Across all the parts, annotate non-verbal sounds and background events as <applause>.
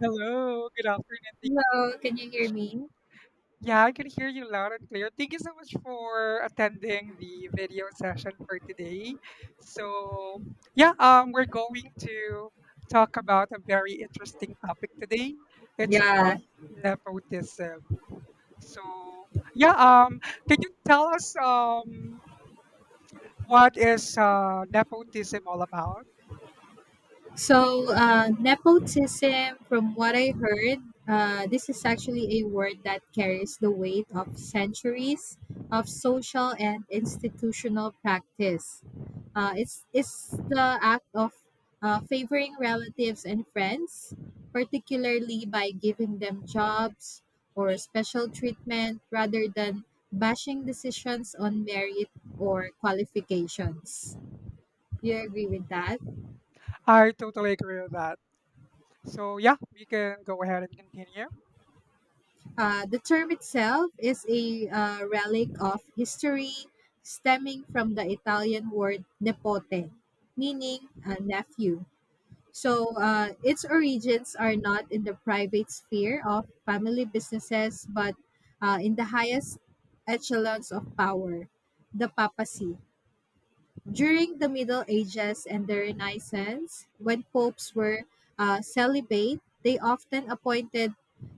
Hello, good afternoon. Thank Hello, can you hear you. me? Yeah, I can hear you loud and clear. Thank you so much for attending the video session for today. So, yeah, we're going to talk about a very interesting topic today. It's about Yeah. nepotism. So, yeah, can you tell us, what is nepotism all about? Nepotism, from what I heard, this is actually a word that carries the weight of centuries of social and institutional practice. It's the act of favoring relatives and friends, particularly by giving them jobs or special treatment rather than bashing decisions on merit or qualifications. You agree with that? I totally agree with that. So, yeah, we can go ahead and continue. The term itself is a relic of history stemming from the Italian word nepote, meaning a nephew. So Mhm. uh, its origins are not in the private sphere of family businesses, but in the highest echelons of power, the papacy. During the Middle Ages and the Renaissance, when popes were celibate, they often appointed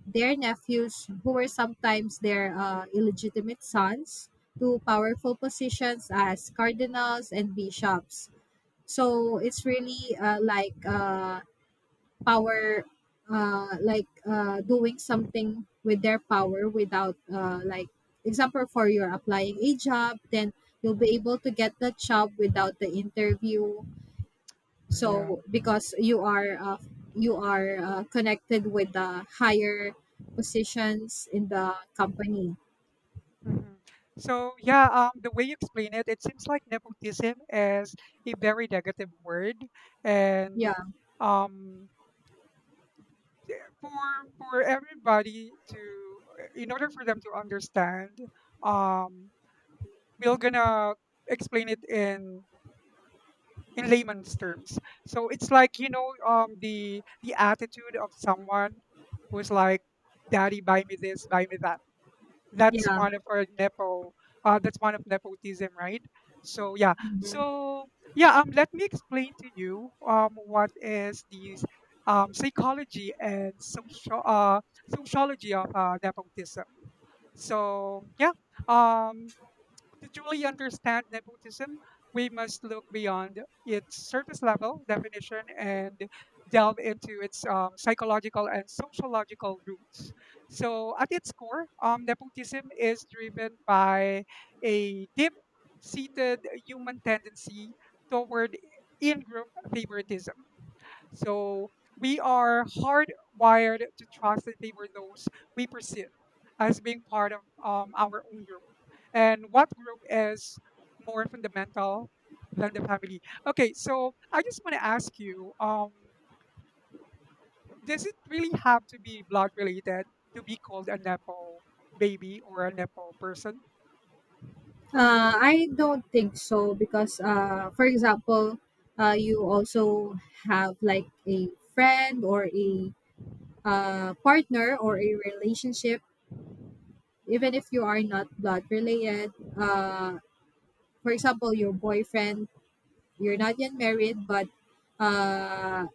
their nephews, who were sometimes their illegitimate sons, to powerful positions as cardinals and bishops. So it's really like power, doing something with their power without, like, example for you're applying a job, then you'll Mhm. be able to get that job without the interview, Yeah. so because you are connected with the higher positions in the company. Hmm. So yeah, the way you explain it, it seems like nepotism is a very negative word, and Yeah, um, for for everybody to, in order for them to understand, um, we're gonna explain it in layman's terms. So it's like, you know, the attitude of someone who's like, "Daddy, buy me this, buy me that." That's yeah. one of our nepo that's one of nepotism, right? So yeah. Mhm. so yeah Let me explain to you what is these psychology and social, sociology of nepotism. So yeah, um to truly understand nepotism, we must look beyond its surface level definition and delve into its psychological and sociological roots. So, at its core, nepotism is driven by a deep seated human tendency toward in group favoritism. So, we are hardwired to trust and favor those we perceive as being part of, our own group. And what group is more fundamental than the family? Okay, so I just want to ask you, does it really have to be blood related to be called a Nepo baby or a Nepo person? I don't think so, because for example, you also have like a friend or a partner or a relationship, even if you are not blood related. For example, your boyfriend, you're not yet married, but uh,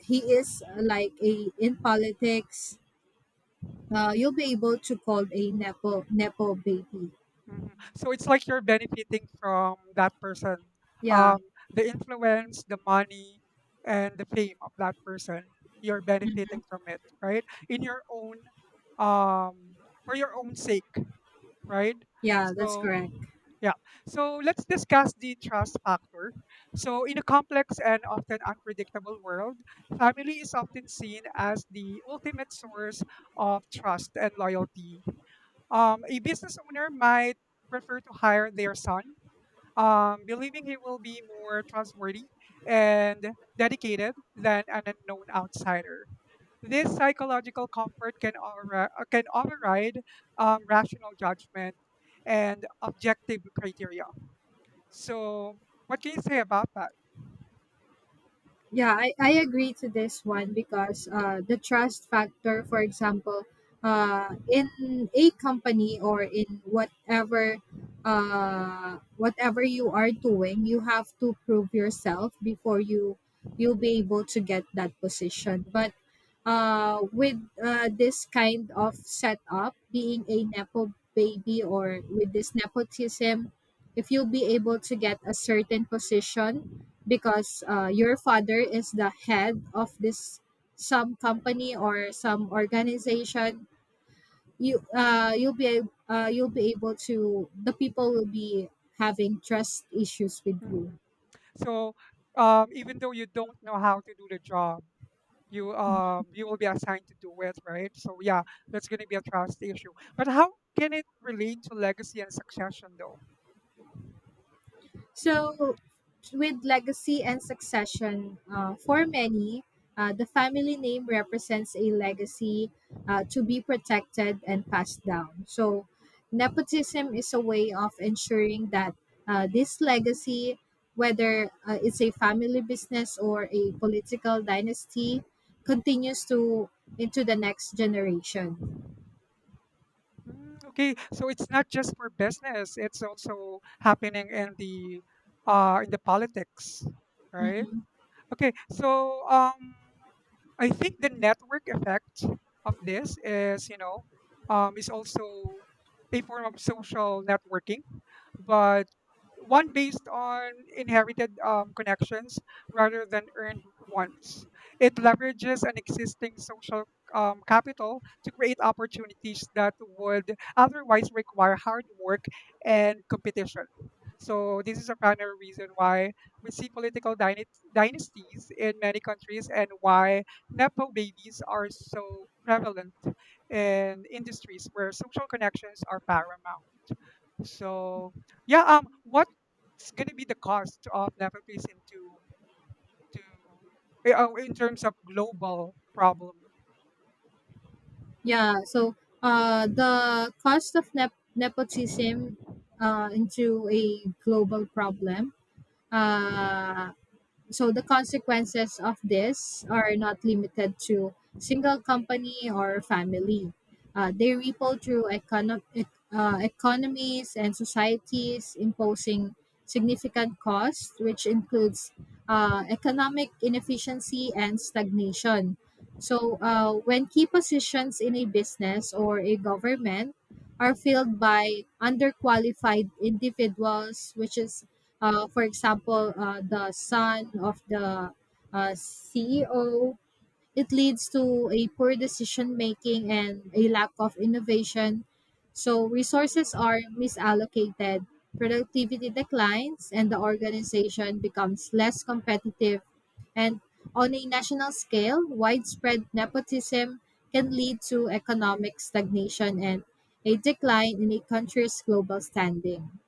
he is like a in politics. You'll be able to call a nepo baby. Mhm. So it's like you're benefiting from that person, Yeah, um, the influence, the money, and the fame of that person. You're benefiting from it, right? In your own, um, for your own sake, right? yeah, that's So. correct. Yeah. So let's discuss the trust factor. So in a complex and often unpredictable world, family is often seen as the ultimate source of trust and loyalty. A business owner might prefer to hire their son, believing he will be more trustworthy and dedicated than an unknown outsider. This psychological comfort can, can override rational judgment and objective criteria. So, what can you say about that? Yeah, I agree to this one because the trust factor, for example, in a company or in whatever whatever you are doing, you have to prove yourself before you'll be able to get that position. But with this kind of setup, being a nepo baby or with this nepotism, if you'll be able to get a certain position because your father is the head of this some company or some organization, you you'll be able to, the people will be having trust issues with you. Mhm. So, even though you don't know how to do the job, you will be assigned to do it, right? So yeah, that's going to be a trust issue. But how can it relate to legacy and succession, though? So, with legacy and succession, for many, the family name represents a legacy to be protected and passed down. So, nepotism is a way of ensuring that this legacy, whether it's a family business or a political dynasty, continues to into the next generation. Mm, okay, so it's not just for business; it's also happening in the, politics, right? Okay, so I think the network effect of this is, you know, is also a form of social networking, but one based on inherited, connections rather than earned ones. It leverages an existing social, capital to create opportunities that would otherwise require hard work and competition. So this is a primary reason why we see dynasties in many countries and why Nepo babies are so prevalent in industries where social connections are paramount. So, yeah, what's going to be the cost of nepotism to in terms of global problem? Yeah, so the cost of nep- nepotism into a global problem. Uh, so the consequences of this are not limited to single company or family. They ripple through economies and societies, imposing significant costs, which includes economic inefficiency and stagnation. So, when key positions in a business or a government are filled by underqualified individuals, which is for example, the son of the CEO, it leads to a poor decision making and a lack of innovation. So resources are misallocated, productivity declines, and the organization becomes less competitive. And on a national scale, widespread nepotism can lead to economic stagnation and a decline in a country's global standing.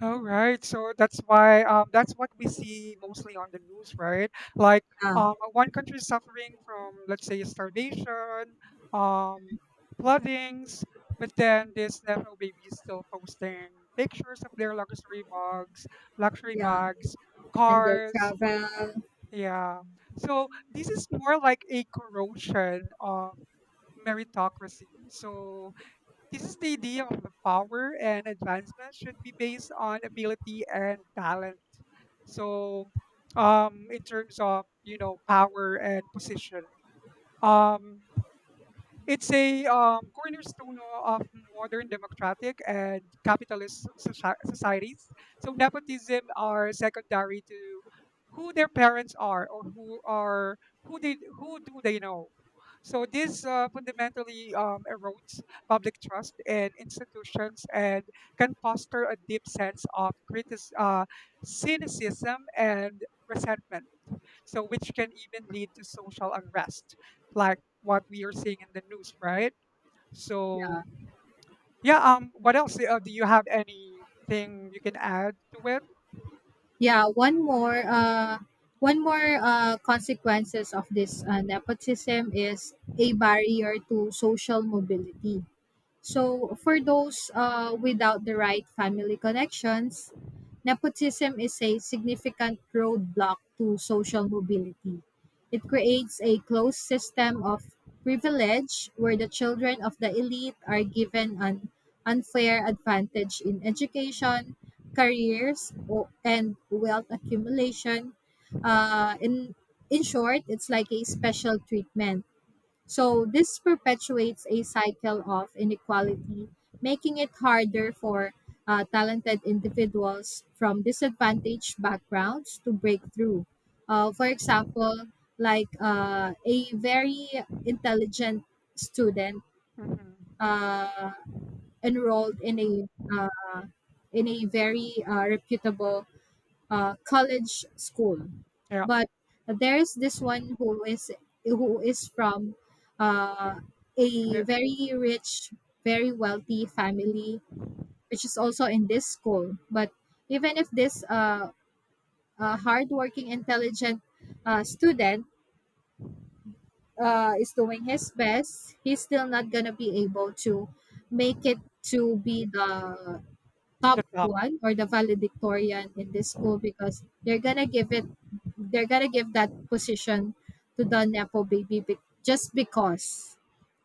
All right. So that's why, that's what we see mostly on the news, right? Like, Yeah, one country is suffering from, let's say, starvation, um, floodings, but then this Nepo baby is still posting pictures of their luxury yeah. bags, And the cars. travel. Yeah. So this is more like a corrosion of meritocracy. So this is the idea of the power and advancement should be based on ability and talent. So, in terms of, you know, power and position, um, it's a, cornerstone of modern democratic and capitalist societies. So nepotism are secondary to who their parents are, or who do they know. So this fundamentally, erodes public trust in institutions and can foster a deep sense of cynicism and resentment, so which can even lead to social unrest like what we are seeing in the news, right? So Yeah. yeah, what else, do you have anything you can add to it? Yeah, one more consequences of this nepotism is a barrier to social mobility. So, for those without the right family connections, nepotism is a significant roadblock to social mobility. It creates a closed system of privilege where the children of the elite are given an unfair advantage in education, careers, and wealth accumulation. Uh, in, in short, it's like a special treatment, so this perpetuates a cycle of inequality, making it harder for talented individuals from disadvantaged backgrounds to break through. For example, like a very intelligent student Hmm. uh, enrolled in a uh, in a very reputable college school. Yeah. But there's this one who is from uh, a the, very rich, very wealthy family, which is also in this school. But even if this hardworking, intelligent student is doing his best, he's still not gonna be able to make it to be the top the top. one or the valedictorian in this school, because they're gonna give it, they're gonna give that position to the just because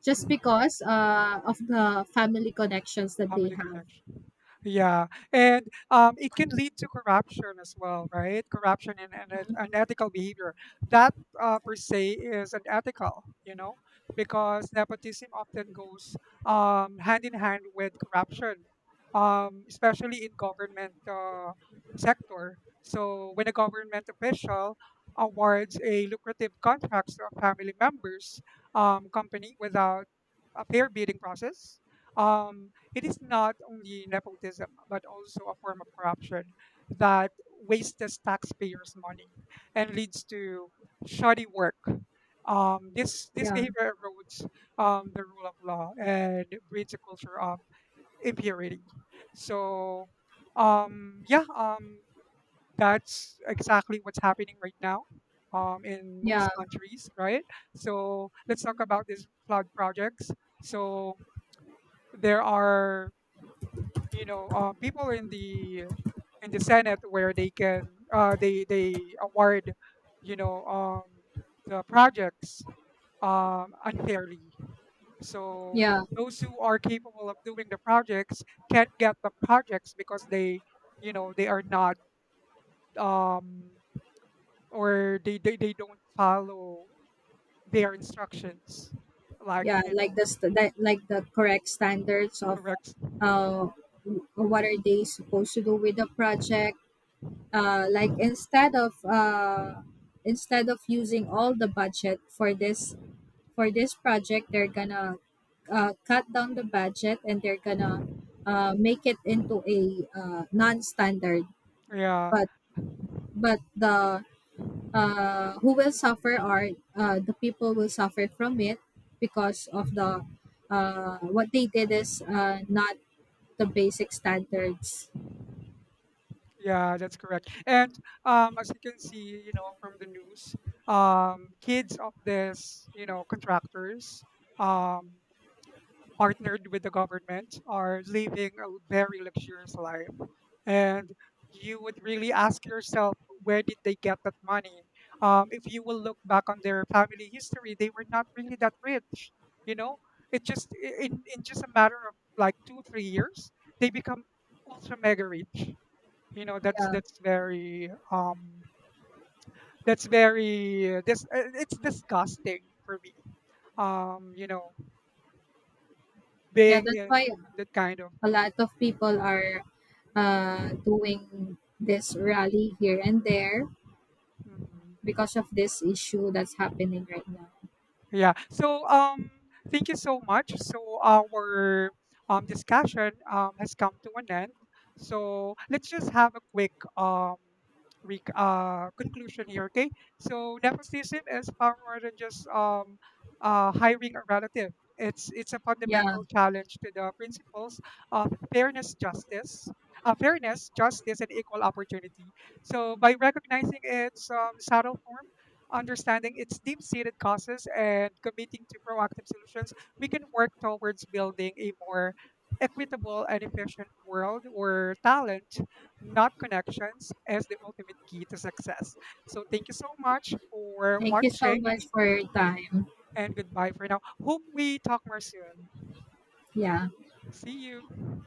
Mhm. Of the family connections that they Family have. connection. Yeah, and it can <laughs> lead to corruption as well, right? Corruption unethical behavior. That per se is unethical, you know, because nepotism often goes, hand in hand with corruption, especially in government sector. So when a government official awards a lucrative contracts to a family members, company without a fair bidding process. Um, it is not only nepotism, but also a form of corruption that wastes taxpayers' money and leads to shoddy work. This Yeah. behavior erodes, the rule of law and breeds a culture of impurity. So, um, yeah, um, that's exactly what's happening right now, in most Yeah. countries, right? So let's talk about these flood projects. So there are, you know, people in the, senate where they can, they award, you know, the projects, unfairly, so Yeah, those who are capable of doing the projects can't get the projects because they, you know, they are not, um, or they don't follow their instructions, like, yeah, you like the know, st- that, like the correct standards of correct, uh, what are they supposed to do with the project. Like, instead of using all the budget for this, for this project, they're gonna cut down the budget and they're gonna make it into a non-standard. yeah. but but the who will suffer are the people will suffer from it because of the, what they did is not the basic standards. Yeah, that's correct. And, as you can see, you know, from the news, kids of this, you know, contractors, um, partnered with the government are living a very luxurious life. And you would really ask yourself, where did they get that money? If you will look back on their family history, they were not really that rich. You know, it just in just a matter of like 2-3 years, they become ultra mega rich, you know. that's Yeah. that's very that's very this it's disgusting for me, you know, Yeah, being that's in why that kind of. a lot of people are doing this rally here and there Mhm. because of this issue that's happening right now. Yeah. So thank you so much. So our discussion has come to an end. So let's just have a quick conclusion here, okay? So nepotism is far more than just hiring a relative. It's a Yeah. fundamental challenge to the principles of fairness, justice, and equal opportunity. So by recognizing its, subtle form, understanding its deep-seated causes and committing to proactive solutions, we can work towards building a more equitable and efficient world where talent, not connections, is the ultimate key to success. So thank you so much for Thank you so watching much for your time. and goodbye for now. Hope we talk more soon. Yeah. See you.